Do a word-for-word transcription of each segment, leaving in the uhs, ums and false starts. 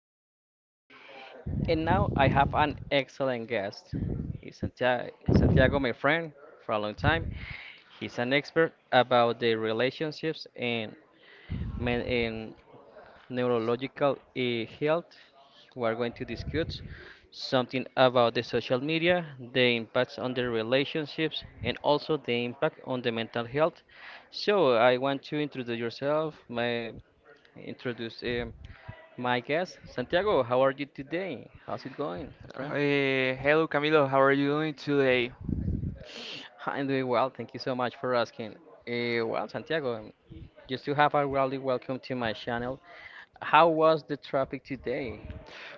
as always. And now I have an excellent guest. He's Santiago, Santiago, my friend, for a long time. He's an expert about the relationships and men in neurological eh, health. We are going to discuss something about the social media, the impacts on the relationships, and also the impact on the mental health. So I want to introduce yourself, my introduce um, my guest, Santiago, how are you today? How's it going, Uh, friend? Hey, hello Camilo, how are you doing today? I'm doing well, thank you so much for asking. Uh, well, Santiago, um, just to have a really welcome to my channel. How was the traffic today?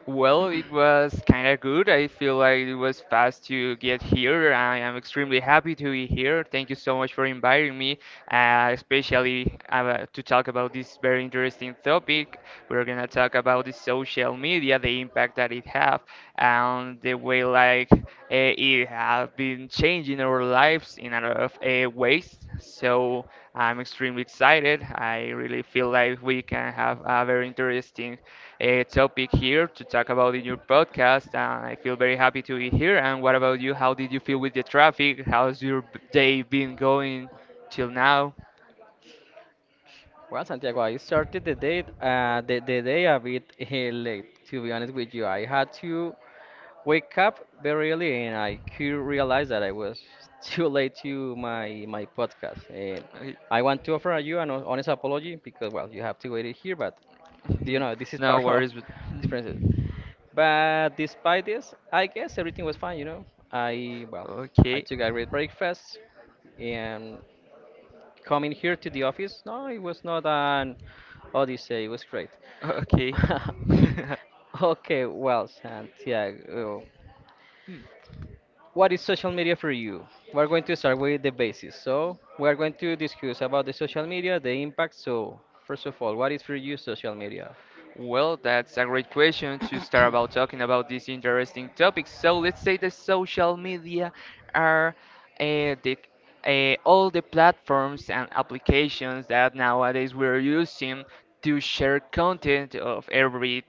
Well, it was kind of good. I feel like it was fast to get here. I am extremely happy to be here. Thank you so much for inviting me, uh, especially uh, to talk about this very interesting topic. We're gonna talk about the social media, the impact that it have, and the way like uh, it have been changing our lives in a lot of uh, ways. So I'm extremely excited. I really feel like we can have a very interesting uh, topic here to talk about in your podcast. And I feel very happy to be here. And what about you? How did you feel with the traffic? How's your b- day been going till now? Well, Santiago, I started the date, uh, the, the day a bit late, to be honest with you. I had to wake up very early and I could realize that I was too late to my my podcast. And I- I want to offer you an honest apology because well, you have to wait it here, but you know this is no part of worries. But experiences. But despite this, I guess everything was fine. You know, I well, I okay, took a great breakfast and coming here to the office. No, it was not an odyssey. It was great. okay. Okay, well, Santiago, what is social media for you? We're going to start with the basics. So we're going to discuss about the social media, the impact. So first of all, what is for you social media? Well, that's a great question to start about talking about this interesting topic. So let's say the social media are uh, the uh, all the platforms and applications that nowadays we're using to share content of every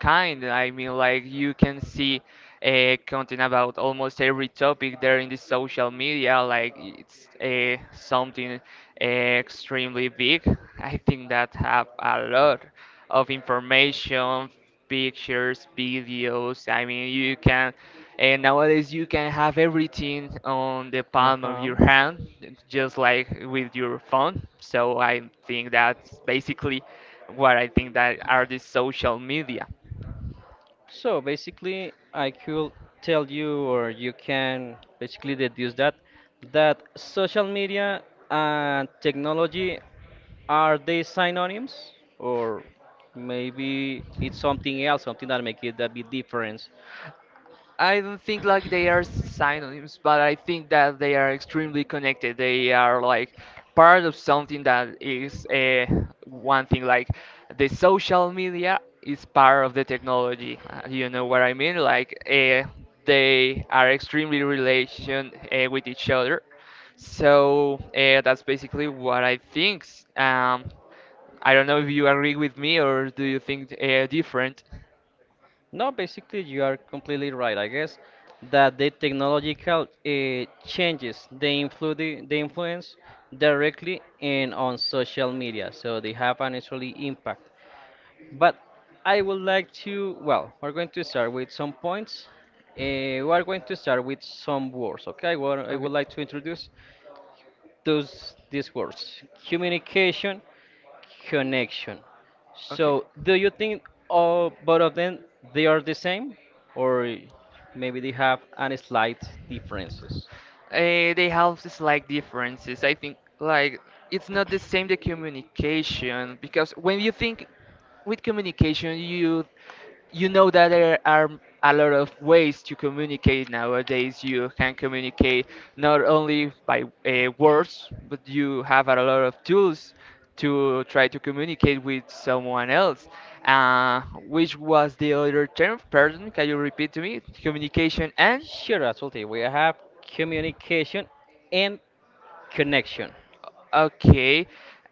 kind. I mean, like you can see uh, content about almost every topic there in the social media. Like it's uh, something uh, extremely big. I think that have a lot of information, pictures, videos. I mean, you can. And nowadays you can have everything on the Uh palm of huh. your hand, just like with your phone. So I think that's basically what I think that are the social media. So basically, I could tell you, or you can basically deduce that that social media and technology, are they synonyms, or maybe it's something else, something that make it a bit different? I don't think like they are synonyms, but I think that they are extremely connected. They are like part of something that is uh, one thing. Like the social media is part of the technology. Uh, you know what I mean? Like uh, they are extremely relation uh, with each other. So uh, that's basically what I think. Um, I don't know if you agree with me or do you think uh, different. No, basically, you are completely right. I guess that the technological uh, changes they influence they influence directly and on social media, so they have an actually impact. But I would like to, well, we're going to start with some points. Uh, we are going to start with some words. Okay, well, I Okay. would like to introduce those these words: communication, connection. Okay. So, do you think all both of them, they are the same, or maybe they have any slight differences? Uh, they have slight differences. I think like it's not the same the communication because when you think with communication, you you know that there are a lot of ways to communicate nowadays. You can communicate not only by uh, words, but you have a lot of tools to try to communicate with someone else. Uh, which was the other term? Pardon, can you repeat to me? Communication and? Sure, absolutely. We have communication and connection. Okay,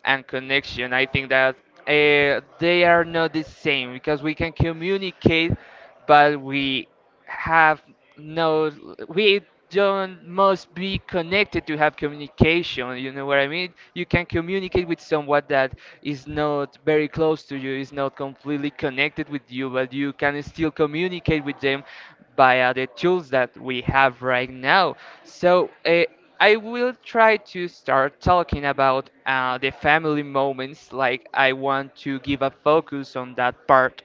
and connection. I think that uh, they are not the same because we can communicate, but we have no, we don't must be connected to have communication. You know what I mean? You can communicate with someone that is not very close to you, is not completely connected with you, but you can still communicate with them via the tools that we have right now. So. Uh, I will try to start talking about uh, the family moments, like I want to give a focus on that part.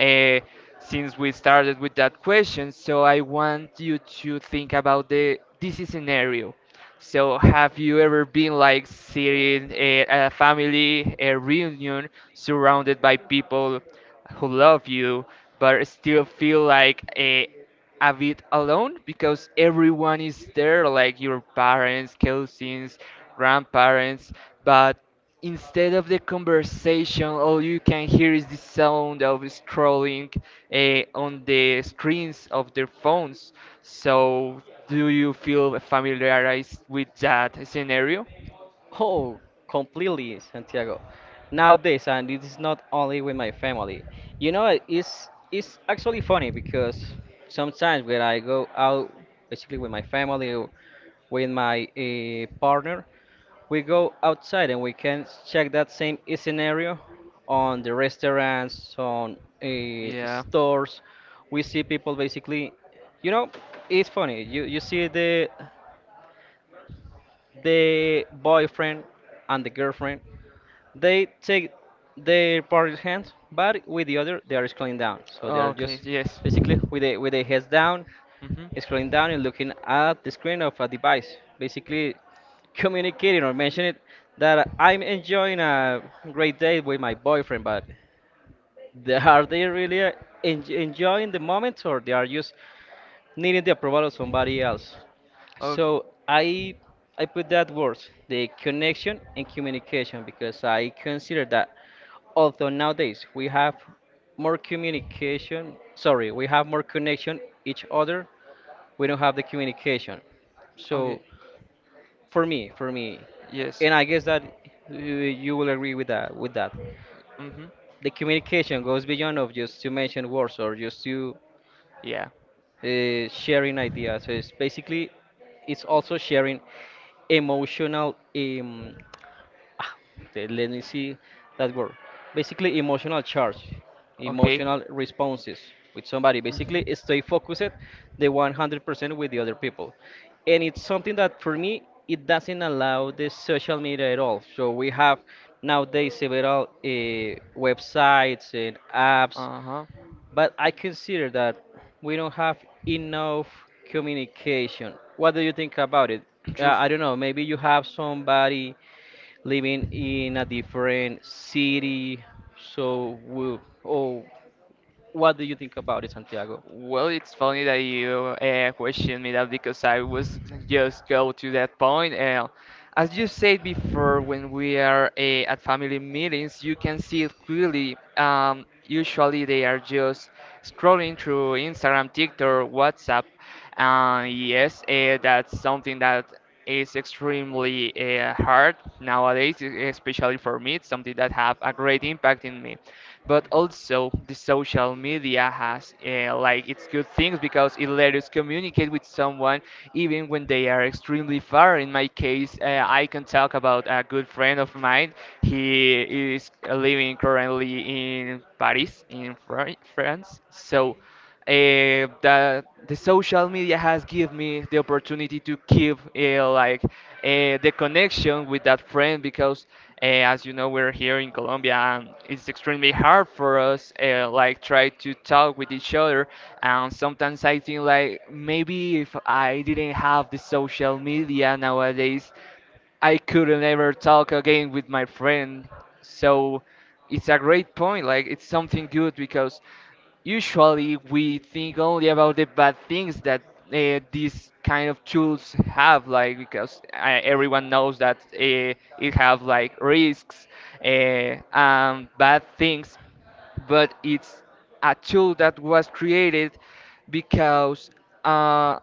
Uh, since we started with that question, so I want you to think about the this is scenario. So, have you ever been like sitting at a family a reunion surrounded by people who love you, but still feel like uh, a bit alone because everyone is there, like your parents, cousins, grandparents, but instead of the conversation, all you can hear is the sound of scrolling eh, on the screens of their phones. So, do you feel familiarized with that scenario? Oh, completely, Santiago. Nowadays, and it is not only with my family. You know, it's it's actually funny because sometimes when I go out, basically with my family or with my uh, partner, we go outside and we can check that same scenario on the restaurants, on uh, Yeah. stores. We see people basically, you know, it's funny, you you see the the boyfriend and the girlfriend, they take their partner's hands but with the other they are scrolling down, so they are Okay. just Yes. basically with the with their heads down, Mhm. scrolling down and looking at the screen of a device, basically communicating or mentioning that I'm enjoying a great day with my boyfriend, but they, are they really uh, en- enjoying the moment, or they are just needing the approval of somebody else? Okay. So I I put that words, the connection and communication, because I consider that although nowadays we have more communication, sorry, we have more connection each other, we don't have the communication. Okay. So for me, for me, Yes. and I guess that uh, you will agree with that. With that, Mhm. the communication goes beyond of just to mention words or just to Yeah. uh, sharing ideas. So it's basically, it's also sharing emotional um, ah, the- let me see that word. Basically, emotional charge, Okay. emotional responses with somebody. Basically, Mhm. stay focused the one hundred percent with the other people. And it's something that for me, it doesn't allow the social media at all. So we have nowadays several uh, websites and apps, Uh huh. but I consider that we don't have enough communication. What do you think about it? Uh, True. I don't know, maybe you have somebody living in a different city. So, we, oh, what do you think about it, Santiago? Well, it's funny that you uh, question me that because I was just go to that point. Uh, as you said before, when we are eh, at family meetings, you can see it clearly. Um, usually, they are just scrolling through Instagram, TikTok, WhatsApp. Uh, yes, uh, that's something that is extremely uh, hard nowadays, e- especially for me. It's something that have a great impact in me. But also, the social media has uh, like its good things because it lets us communicate with someone even when they are extremely far. In my case, uh, I can talk about a good friend of mine. He is living currently in Paris, in Fran- France. So uh, the the social media has given me the opportunity to keep uh, like uh, the connection with that friend because uh, as you know we're here in Colombia and it's extremely hard for us uh, like try to talk with each other, and sometimes I think like maybe if I didn't have the social media nowadays I couldn't ever talk again with my friend. So it's a great point. Like it's something good because usually we think only about the bad things that uh, these kind of tools have. Like because uh, everyone knows that uh, it have like risks uh, and bad things, but it's a tool that was created because. Uh,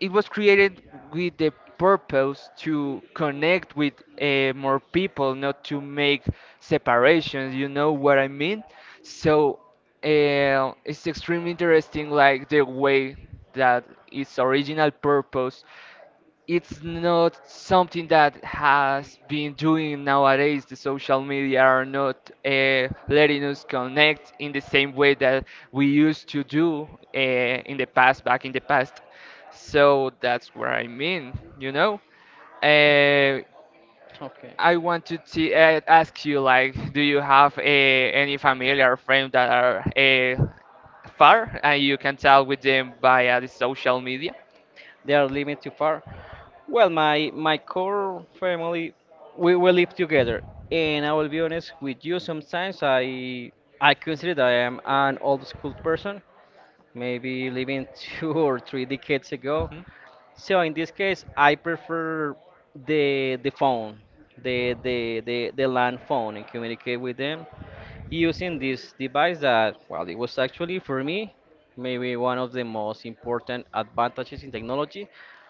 it was created with the purpose to connect with uh, more people, not to make separations. You know what I mean? So uh, it's extremely interesting, like the way that its original purpose it's not something that has been doing nowadays. The social media are not uh, letting us connect in the same way that we used to do uh, in the past, back in the past. So that's what I mean, you know. Uh, Okay. I want to t- uh, ask you, like, do you have uh, any family or friend that are uh, far and you can tell with them via the social media? They are living too far. Well, my my core family, we will live together, and I will be honest with you. Sometimes I I consider that I am an old school person, maybe living two or three decades ago. So in this case, I prefer the the phone, the the the, the land phone, and communicate with them using this device that, well, it was actually for me maybe one of the most important advantages in technology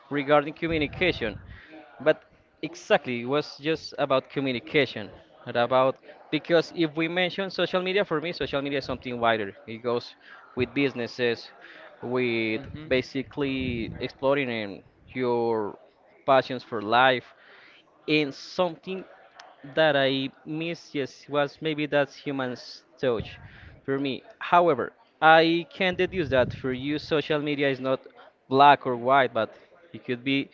regarding communication. But exactly, it was just about communication, and about, because if we mention social media, for me, social media is something wider. It goes with businesses, with hmm basically exploring um, your passions for life, and something that I missed, yes, was maybe that's human touch for me. However, I can deduce that for you, social media is not black or white, but it could be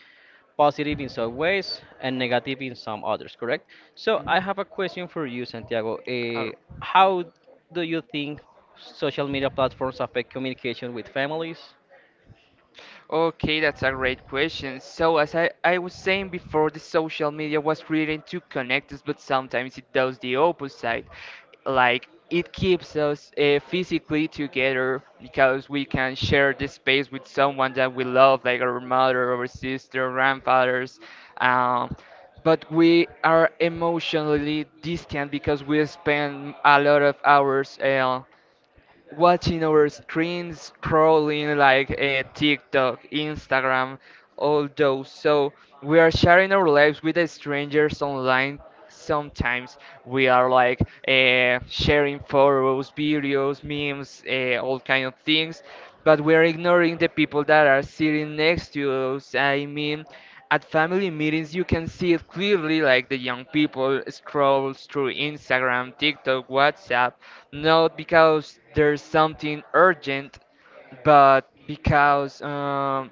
positive in some ways and negative in some others, correct? So hmm I have a question for you, Santiago. Eh, Ar- how do you think social media platforms affect communication with families? Okay, that's a great question. So, as I, I was saying before, the social media was created to connect us, but sometimes it does the opposite. Like, it keeps us uh, physically together because we can share this space with someone that we love, like our mother, our sister, grandfathers. Um, but we are emotionally distant because we spend a lot of hours. Uh, watching our screens, scrolling like a TikTok, Instagram, all those. So we are sharing our lives with the strangers online. Sometimes we are like uh, sharing photos, videos, memes, uh, all kind of things, but we're ignoring the people that are sitting next to us. I mean, at family meetings, you can see it clearly like the young people scroll through Instagram, TikTok, WhatsApp, not because there's something urgent, but because um,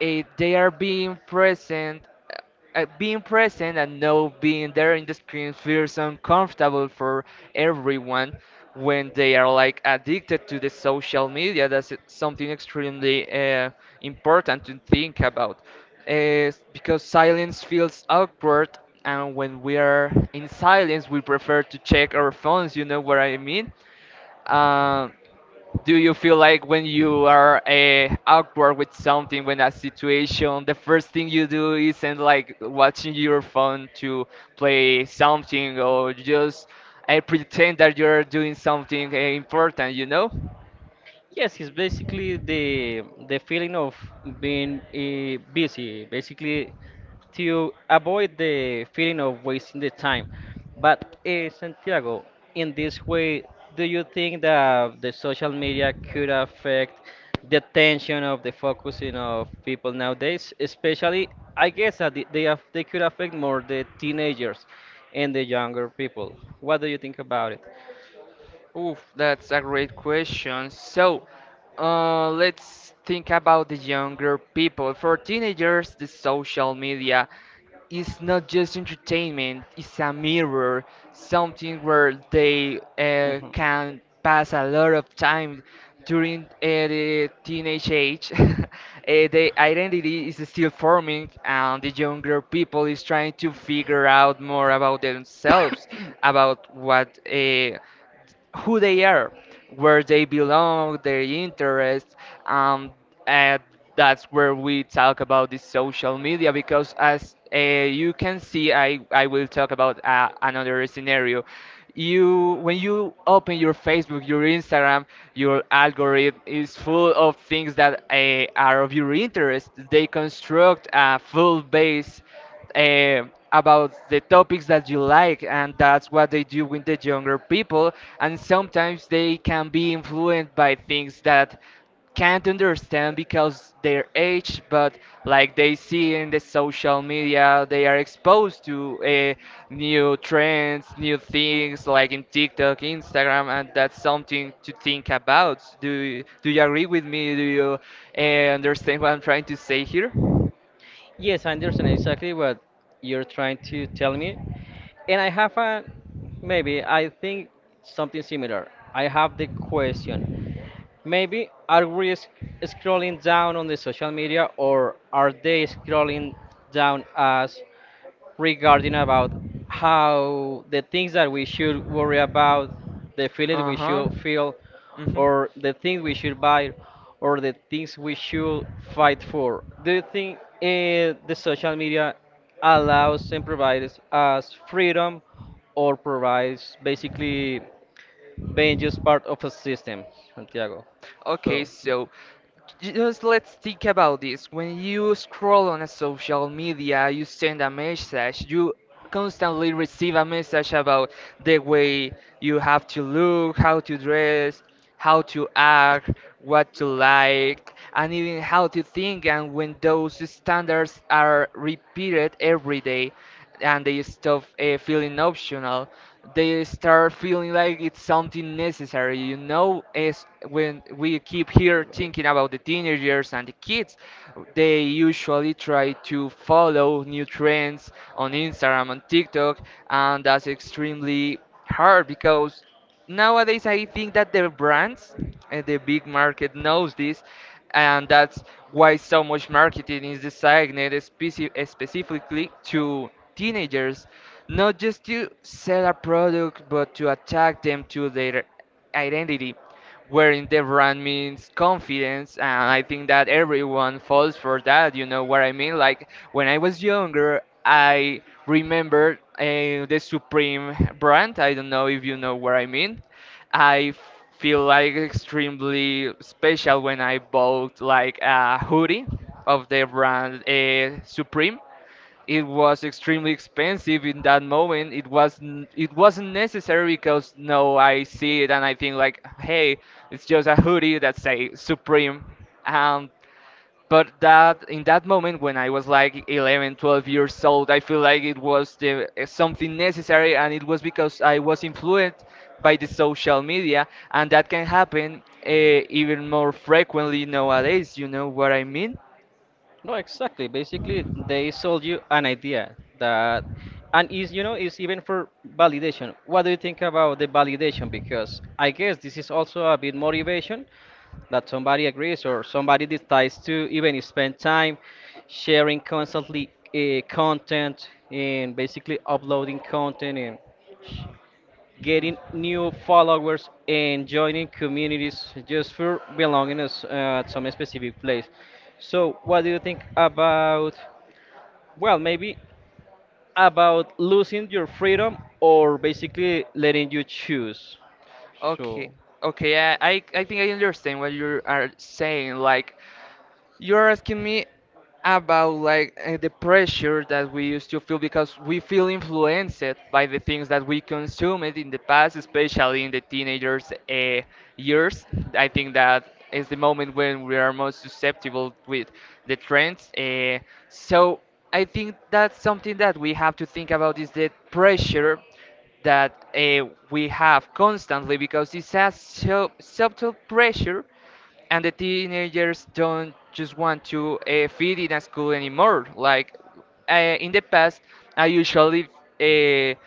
eh, they are being present uh, uh, being present, and no being there in the screen feels uncomfortable for everyone when they are like addicted to the social media. That's something extremely uh, important to think about uh, because silence feels awkward, and when we are in silence we prefer to check our phones, you know what I mean. um, do you feel like when you are uh, awkward with something, when a situation, the first thing you do isn't like watching your phone to play something or just uh, pretend that you're doing something uh, important, you know? Yes, it's basically the the feeling of being uh, busy, basically to avoid the feeling of wasting the time. But uh, Santiago, in this way, do you think that the social media could affect the attention of the focusing of people nowadays? Especially, I guess that the- they aff- they could affect more the teenagers and the younger people. What do you think about it? Oof, that's a great question. So, uh, let's think about the younger people. For teenagers, the social media is not just entertainment, it's a mirror, something where they uh, can pass a lot of time during uh, the teenage age. Uh, the identity is still forming, and the younger people is trying to figure out more about themselves, about what. Uh, who they are, where they belong, their interests, um, and that's where we talk about the social media because as uh, you can see, I, I will talk about uh, another scenario. You when you open your Facebook, your Instagram, your algorithm is full of things that uh, are of your interest. They construct a full base eh, about the topics that you like, and that's what they do with the younger people. And sometimes they can be influenced by things that can't understand because their age, but like they see in the social media, they are exposed to uh, new trends, new things like in TikTok, Instagram, and that's something to think about. Do you, do you agree with me? Do you uh, understand what I'm trying to say here? Yes, I understand exactly what you're trying to tell me. And I have a, maybe I think something similar. I have the question. Maybe are we sc- scrolling down on the social media, or are they scrolling down us regarding about how the things that we should worry about, the feelings Uh we huh. should feel, Mm-hmm. or the things we should buy, or the things we should fight for? Do you think uh, the social media allows and provides us freedom, or provides basically being just part of a system, Santiago? Okay, So, so just let's think about this. When you scroll on a social media, you send a message, you constantly receive a message about the way you have to look, how to dress, how to act, what to like, and even how to think. And when those standards are repeated every day, and they stop uh, feeling optional. They start feeling like it's something necessary. You know, as when we keep here thinking about the teenagers and the kids, they usually try to follow new trends on Instagram and TikTok, and that's extremely hard because nowadays i think that the brands and the big market knows this and that's why so much marketing is designed speci- specifically to teenagers, not just to sell a product but to attack them to their identity, wherein the brand means confidence. And i think that everyone falls for that, you know what i mean. Like when i was younger, i remember uh, the Supreme brand. I don't know if you know what i mean. I f- feel like extremely special when i bought like a hoodie of the brand uh, Supreme. It was extremely expensive in that moment. It wasn't it wasn't necessary because no, I see it and I think like, hey, it's just a hoodie that say Supreme. Um, but that, in that moment when I was like eleven, twelve years old, I feel like it was the eh, something necessary, and it was because I was influenced by the social media. And that can happen uh, even more frequently nowadays. You know what I mean? no, exactly. Basically, they sold you an idea that, and is, you know, is even for validation. What do you think about the validation? Because I guess this is also a bit motivation that somebody agrees or somebody decides to even spend time sharing constantly uh, content and basically uploading content and getting new followers and joining communities just for belonging us, uh, at some specific place. So, what do you think about, well, maybe about losing your freedom or basically letting you choose? Okay, So, okay, I, I I think I understand what you are saying. Like, you're asking me about like uh, the pressure that we used to feel because we feel influenced by the things that we consumed in the past, especially in the teenagers' uh, years. I think that is the moment when we are most susceptible with the trends. Uh, so I think that's something that we have to think about is the pressure that uh, we have constantly because it's a so subtle pressure, and the teenagers don't just want to uh, fit in a school anymore. Like uh, in the past, I usually uh,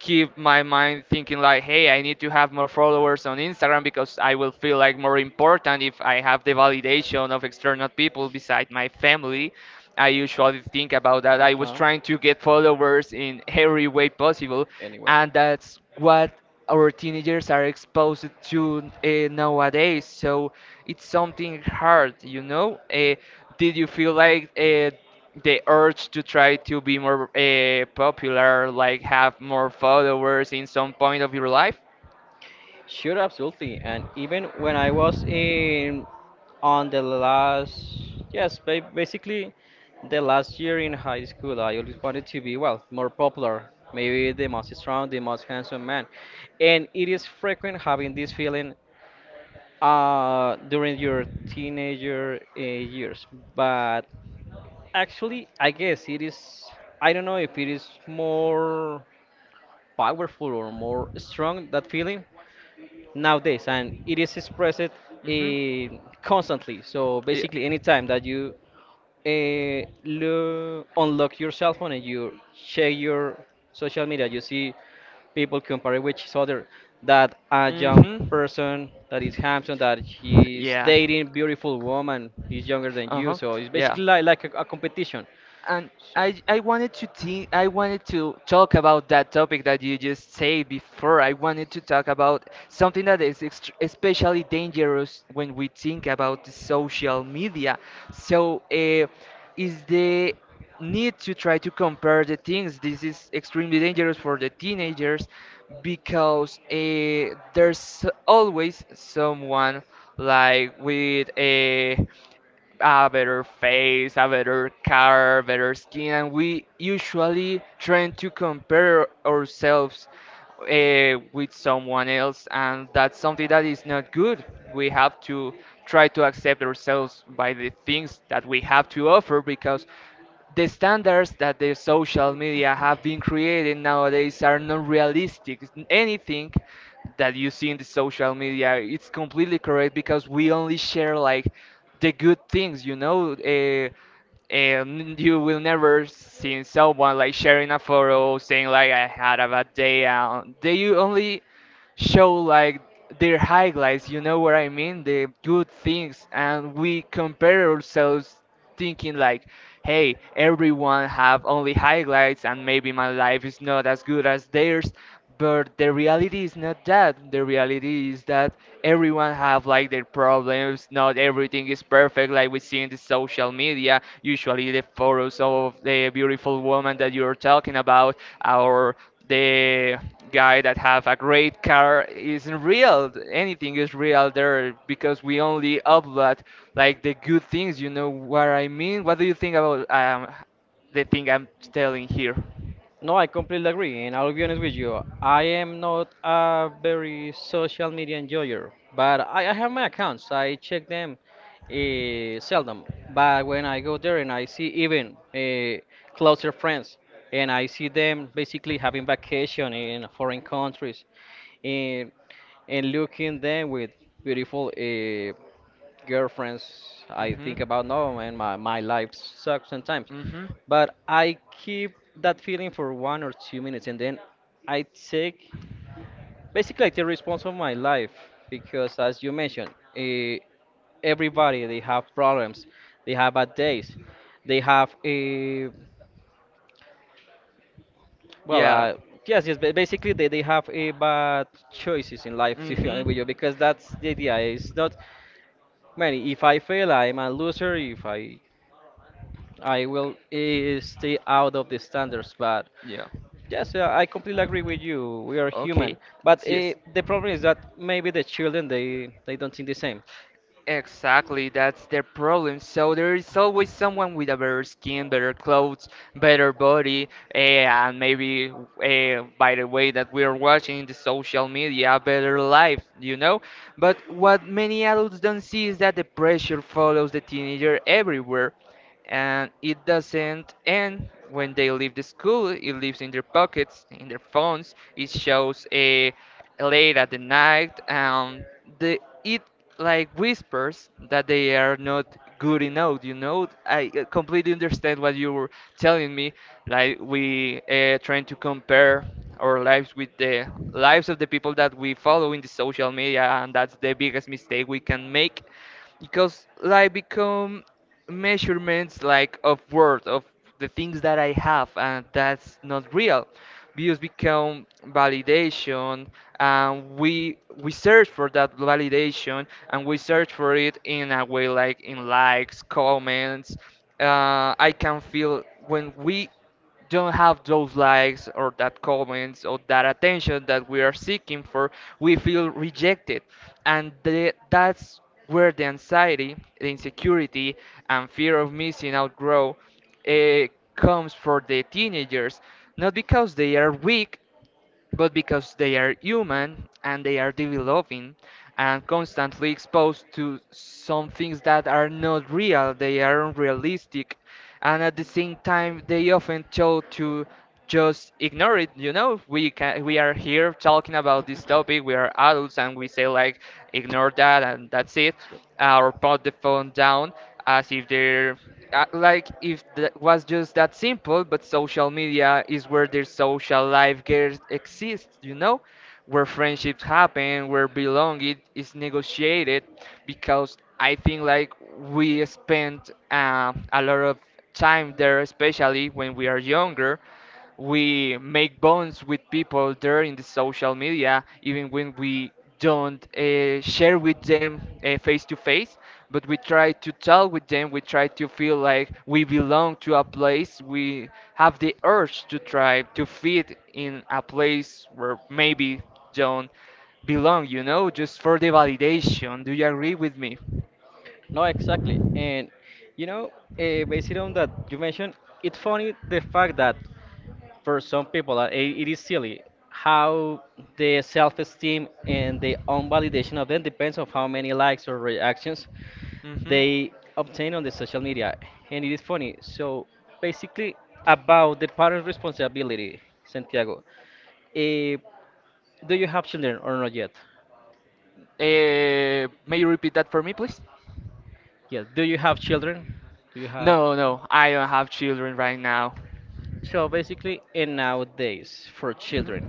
keep my mind thinking like, hey, i need to have more followers on Instagram because i will feel like more important if i have the validation of external people beside my family. I usually think about that. uh I was huh. trying to get followers in every way possible, Anyway. and that's what our teenagers are exposed to uh, nowadays. So it's something hard, you know. Uh, did you feel like uh, the urge to try to be more uh, popular, like have more followers in some point of your life? Sure, absolutely. And even when I was in, on the last, yes, ba- basically the last year in high school, I always wanted to be, well, more popular, maybe the most strong, the most handsome man. And it is frequent having this feeling uh, during your teenager uh, years. But actually, I guess it is, I don't know if it is more powerful or more strong, that feeling nowadays, and it is expressed hmm uh, constantly. So Yeah. basically, anytime that you uh, lo- unlock your cell phone and you check your social media, you see people comparing with each other. That a young hmm person that is handsome, that he's Yeah. dating beautiful woman, he's younger than you. Uh-huh. So it's Yeah. basically like, like a, a competition. And I I wanted to think, I wanted to talk about that topic that you just said before. I wanted to talk about something that is ext especially dangerous when we think about the social media. So, uh, is the need to try to compare the things. This is extremely dangerous for the teenagers because uh, there's always someone like with a a better face, a better car, better skin, and we usually try to compare ourselves uh, with someone else, and that's something that is not good. We have to try to accept ourselves by the things that we have to offer because the standards that the social media have been creating nowadays are not realistic. Anything that you see in the social media, it's completely correct because we only share like the good things, you know. Uh, and you will never see someone like sharing a photo saying like I had a bad day. Uh, they you only show like their highlights, you know what I mean? The good things, and we compare ourselves thinking like, hey, everyone have only highlights, and maybe my life is not as good as theirs. But the reality is not that. The reality is that everyone have like their problems. Not everything is perfect, like we see in the social media. Usually, the photos of the beautiful woman that you're talking about, or the guy that have a great car isn't real. Anything is real there because we only upload like the good things. You know what I mean? What do you think about um, the thing I'm telling here? No, I completely agree, and I'll be honest with you. I am not a very social media enjoyer, but I, I have my accounts. I check them uh, seldom. But when I go there and I see even uh, closer friends, and I see them basically having vacation in foreign countries, and and looking them with beautiful uh, girlfriends, I Mhm. think about no, man, my my life sucks sometimes. Mhm. But I keep that feeling for one or two minutes and then I take, basically I take response of my life, because as you mentioned, eh, everybody, they have problems, they have bad days, they have a well Yeah. uh, yes yes ba- basically they, they have a bad choices in life to be Mhm. honest with you, because that's the idea, it's not many, if I fail, I'm a loser, if I, I will eh, stay out of the standards, but Yeah. yes, uh, I completely agree with you. We are human, Okay. but uh, Yes. the problem is that maybe the children they they don't think the same. Exactly, that's their problem. So there is always someone with a better skin, better clothes, better body, eh, and maybe uh, by the way that we are watching in the social media, a better life, you know? But what many adults don't see is that the pressure follows the teenager everywhere, and it doesn't end when they leave the school. It lives in their pockets, in their phones. It shows a late at the night um the it like whispers that they are not good enough, you know. I uh, completely understand what you were telling me, like we uh, trying to compare our lives with the lives of the people that we follow in the social media, and that's the biggest mistake we can make because life become measurements like of worth of the things that I have, and that's not real. Views become validation, and we we search for that validation, and we search for it in a way like in likes, comments. Uh, I can feel when we don't have those likes or that comments or that attention that we are seeking for, we feel rejected. And the, that's where the anxiety, the insecurity, and fear of missing out grow. It comes for the teenagers, not because they are weak, but because they are human and they are developing and constantly exposed to some things that are not real, they are unrealistic, and at the same time they often chose to just ignore it. You know, we can we are here talking about this topic. We are adults and we say like ignore that and that's it, uh, or put the phone down, as if they're uh, like if that was just that simple. But social media is where their social life gets, exists, you know, where friendships happen, where belonging is negotiated, because i think like we spend uh, a lot of time there, especially when we are younger. We make bonds with people there in the social media, even when we don't uh, share with them uh, face to face, but we try to tell with them. We try to feel like we belong to a place. We have the urge to try to fit in a place where maybe Do don't belong, you know, just for the validation. Do you agree with me? no, exactly. And you know, uh, based on that you mentioned, it's funny the fact that for some people uh, it, it is silly how the self-esteem and the own validation of them depends on how many likes or reactions Hmm they obtain on the social media. And it is funny. So basically, about the parent responsibility, Santiago. eh, do you have children or not yet? Uh, may you repeat that for me, please? Yeah. Do you have children? Do you have? No, no, I don't have children right now. So basically, in nowadays for children,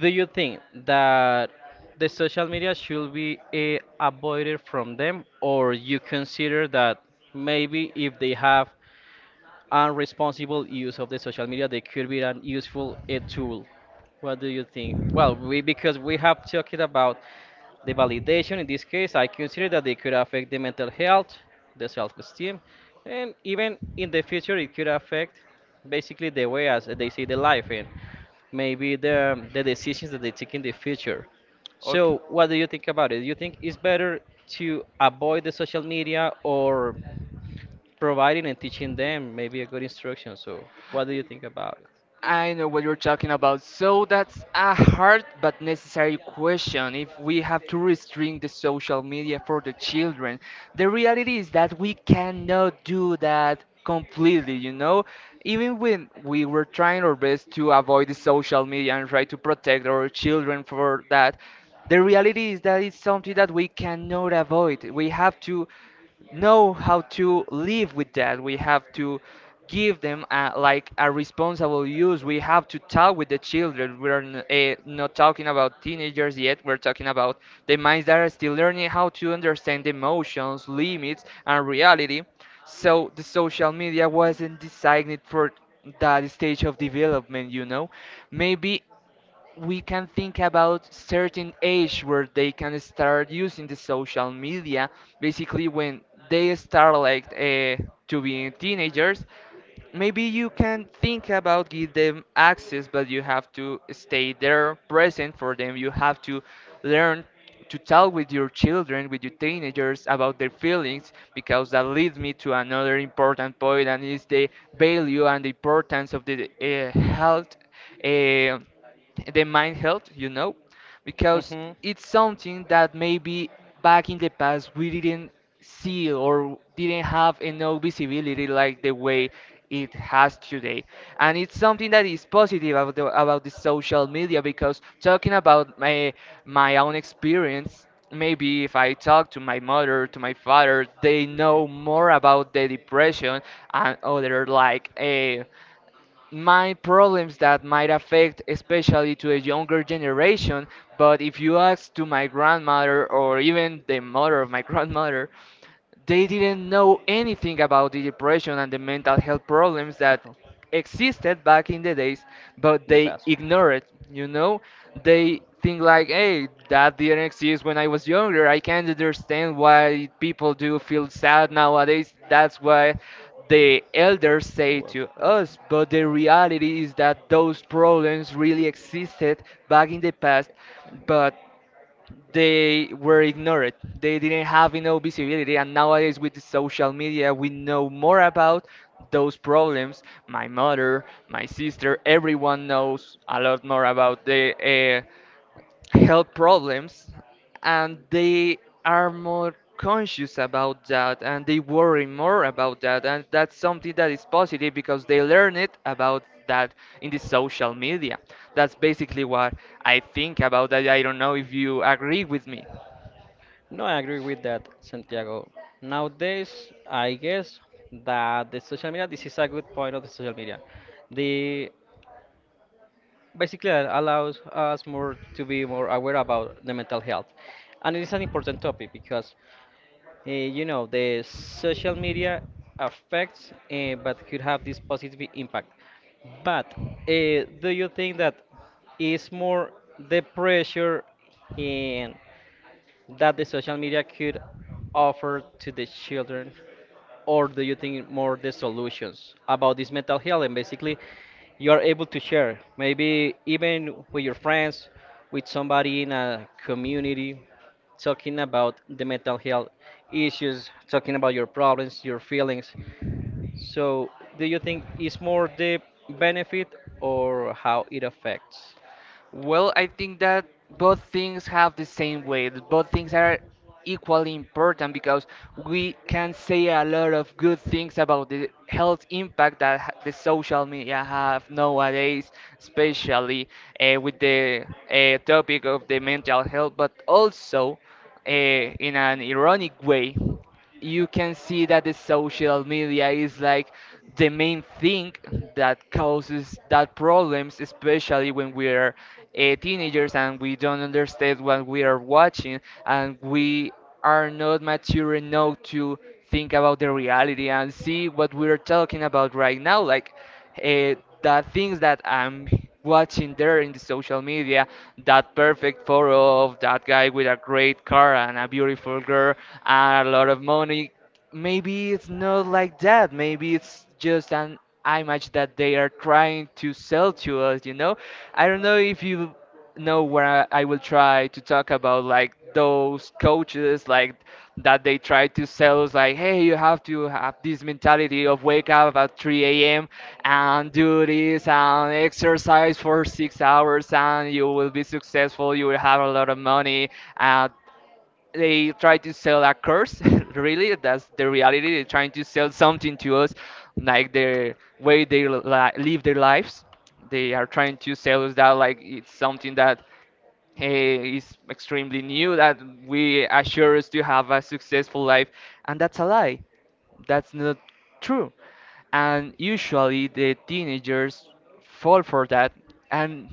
do you think that the social media should be eh, avoided from Mhm. them, or you consider that maybe if they have unresponsible use of the social media, they could be an useful eh, tool? What do you think? Well, we because we have talked about the validation in this case, I consider that it could affect the mental health, the self esteem, and even in the future, it could affect basically the way as they see the life and maybe the, the decisions that they take in the future. Okay. So, what do you think about it? Do you think it's better to avoid the social media or providing and teaching them maybe a good instruction? So, what do you think about it? I know what you're talking about. So that's a hard but necessary question. If we have to restrain the social media for the children, the reality is that we cannot do that completely, you know? Even when we were trying our best to avoid the social media and try to protect our children for that, the reality is that it's something that we cannot avoid. We have to know how to live with that. We have to give them a, like a responsible use. We have to talk with the children. We're uh, not talking about teenagers yet. We're talking about the minds that are still learning how to understand emotions, limits, and reality. So the social media wasn't designed for that stage of development, you know. Maybe we can think about certain age where they can start using the social media, basically when they start like uh, to be teenagers. Maybe you can think about give them access, but you have to stay there present for them. You have to learn to talk with your children, with your teenagers, about their feelings, because that leads me to another important point, and is the value and the importance of the uh, health, uh, the mind health, you know, because it's something that maybe back in the past we didn't see or didn't have enough visibility like the way it has today. And it's something that is positive about the, about the social media, because talking about my my own experience, maybe if I talk to my mother, to my father, they know more about the depression and other like uh, my problems that might affect especially to a younger generation. But if you ask to my grandmother or even the mother of my grandmother, they didn't know anything about the depression and the mental health problems that existed back in the days, but they ignore it, you know? They think like, hey, that didn't exist when I was younger. I can't understand why people do feel sad nowadays. That's why the elders say to us, but the reality is that those problems really existed back in the past, but they were ignored. They didn't have enough visibility, and nowadays with the social media, we know more about those problems. My mother, my sister, everyone knows a lot more about the uh, health problems, and they are more conscious about that, and they worry more about that, and that's something that is positive because they learn it about that in the social media. That's basically what i think about that. I don't know if you agree with me. No, I agree with that, Santiago. Nowadays, I guess that the social media, this is a good point of the social media. The Basically that allows us more to be more aware about the mental health, and it is an important topic because uh, you know the social media affects uh, but could have this positive impact. But uh, do you think that is more the pressure in, that the social media could offer to the children, or do you think more the solutions about this mental health, and basically you are able to share maybe even with your friends, with somebody in a community, talking about the mental health issues, talking about your problems, your feelings? So do you think it's more the benefit or how it affects? Well, I think that both things have the same weight. Both things are equally important because we can say a lot of good things about the health impact that ha- the social media have nowadays, especially uh, with the uh, topic of the mental health, but also uh, in an ironic way, you can see that the social media is like the main thing that causes that problems, especially when we are uh, teenagers and we don't understand what we are watching, and we are not mature enough to think about the reality and see what we are talking about right now, like uh, the things that I'm watching there in the social media, that perfect photo of that guy with a great car and a beautiful girl and a lot of money, maybe it's not like that. Maybe it's just an image that they are trying to sell to us, you know? I don't know if you know where I, I will try to talk about, like, those coaches like that they try to sell us like, hey, you have to have this mentality of wake up at three a.m and do this and exercise for six hours and you will be successful, you will have a lot of money. uh, they try to sell a curse really, that's the reality, they're trying to sell something to us like their way they li- live their lives. They are trying to sell us that like it's something that eh, is extremely new, that we assure us to have a successful life, and that's a lie. That's not true. And usually the teenagers fall for that, and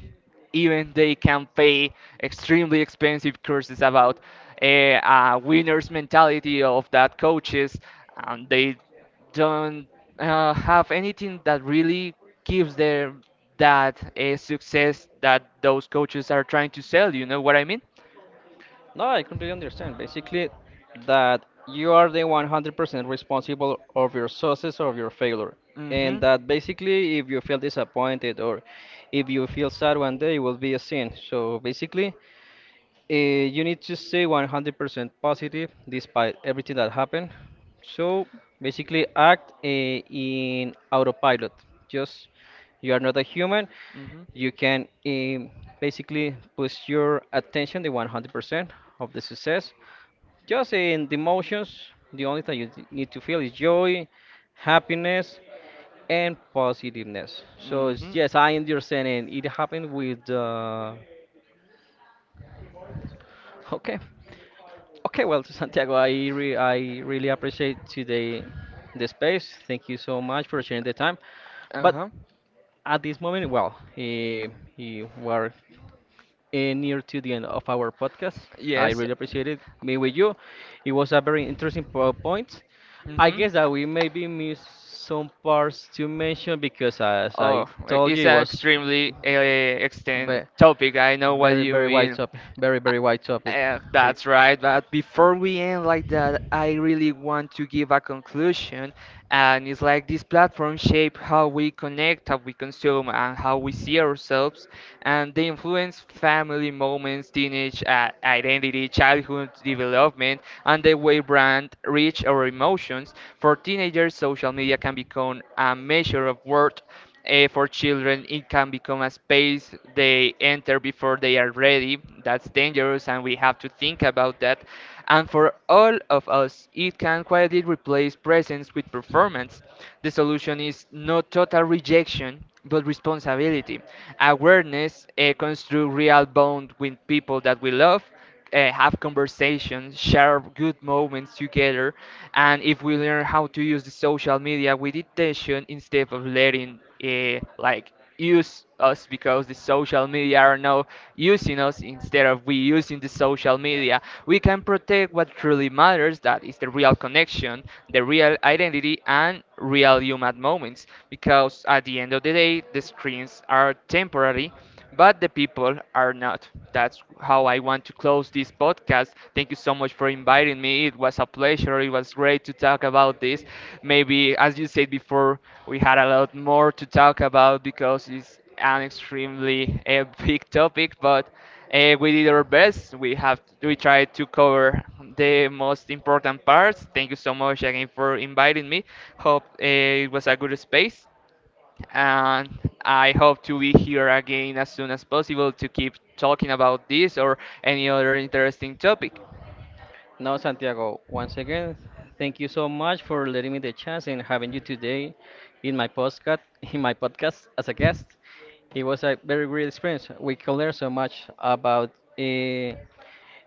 even they can pay extremely expensive courses about a, a winner's mentality of that coaches, and they don't uh, have anything that really gives them that uh, success that those coaches are trying to sell. You know what I mean? No, I completely understand. Basically, that you are the one hundred percent responsible of your success or your failure. And Hmm. that basically, if you feel disappointed or if you feel sad one day, it will be a sin. So basically, eh, you need to stay one hundred percent positive despite everything that happened. So basically, act eh, in autopilot. Just you are not a human. You can um, basically push your attention the one hundred percent of the success. Just in the Hmm. emotions, the only thing you th- need to feel is joy, happiness, and positiveness. So it's, Hmm. yes, I understand, and it happened with. Uh, okay. Okay, well, Santiago, I re I really appreciate today the space. Thank you so much for sharing the time. But Uh-huh. at this moment, well, eh, eh, we are eh, near to the end of our podcast. I Yes. really appreciate it being with you. It was a very interesting po- point. I Hmm. guess that we maybe missed some parts to mention because, as I Oh, told you, it's it an was extremely uh, extent ve- topic. I know what very, you very wide mean. topic. Very, very wide topic. Eh, We. That's right, but before we end like that, I really want to give a conclusion, and it's like this platform shape how we connect, how we consume, and how we see ourselves, and they influence family moments, teenage uh, identity, childhood development, and the way brand reach our emotions. For teenagers, social media can become a measure of worth. Eh, for children, it can become a space they enter before they are ready. That's dangerous, and we have to think about that. And for all of us, it can quietly replace presence with performance. The solution is not total rejection, but responsibility. Awareness, eh, construct real bond with people that we love, uh, have conversations, share good moments together, and if we learn how to use the social media with intention instead of letting uh, like use us, because the social media are now using us instead of we using the social media, we can protect what truly matters, that is the real connection, the real identity and real human moments, because at the end of the day the screens are temporary but the people are not. That's how I want to close this podcast. Thank you so much for inviting me. It was a pleasure. It was great to talk about this. Maybe, as you said before, we had a lot more to talk about because it's an extremely uh, big topic, but uh, we did our best. We have we tried to cover the most important parts. Thank you so much again for inviting me. Hope uh, it was a good space, and I hope to be here again as soon as possible to keep talking about this or any other interesting topic. Now, Santiago, once again, thank you so much for letting me the chance and having you today in my podcast, in my podcast as a guest. It was a very great experience. We could learn so much about uh,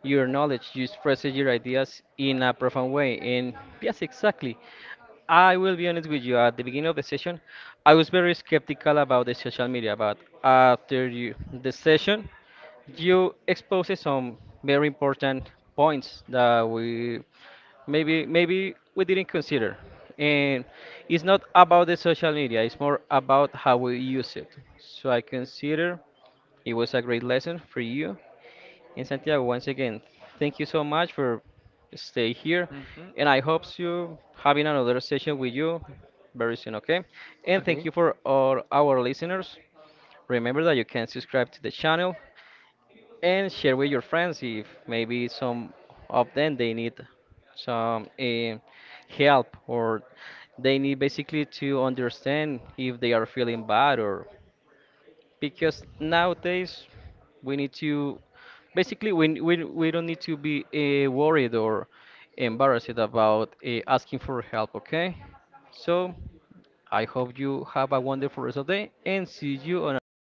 your knowledge. You express your ideas in a profound way. And yes, exactly. I will be honest with you. At the beginning of the session, I was very skeptical about the social media, but after you, the session, you exposed some very important points that we maybe maybe we didn't consider. And it's not about the social media; it's more about how we use it. So I consider it was a great lesson for you. And Santiago, once again, thank you so much for stay here, Hmm. and I hope you having another session with you very soon, okay? And thank Okay. you for all our listeners. Remember that you can subscribe to the channel and share with your friends if maybe some of them they need some eh, help, or they need basically to understand if they are feeling bad, or because nowadays we need to basically we we, we don't need to be uh, worried or embarrassed about uh, asking for help, okay? So I hope you have a wonderful rest of the day, and see you on the next.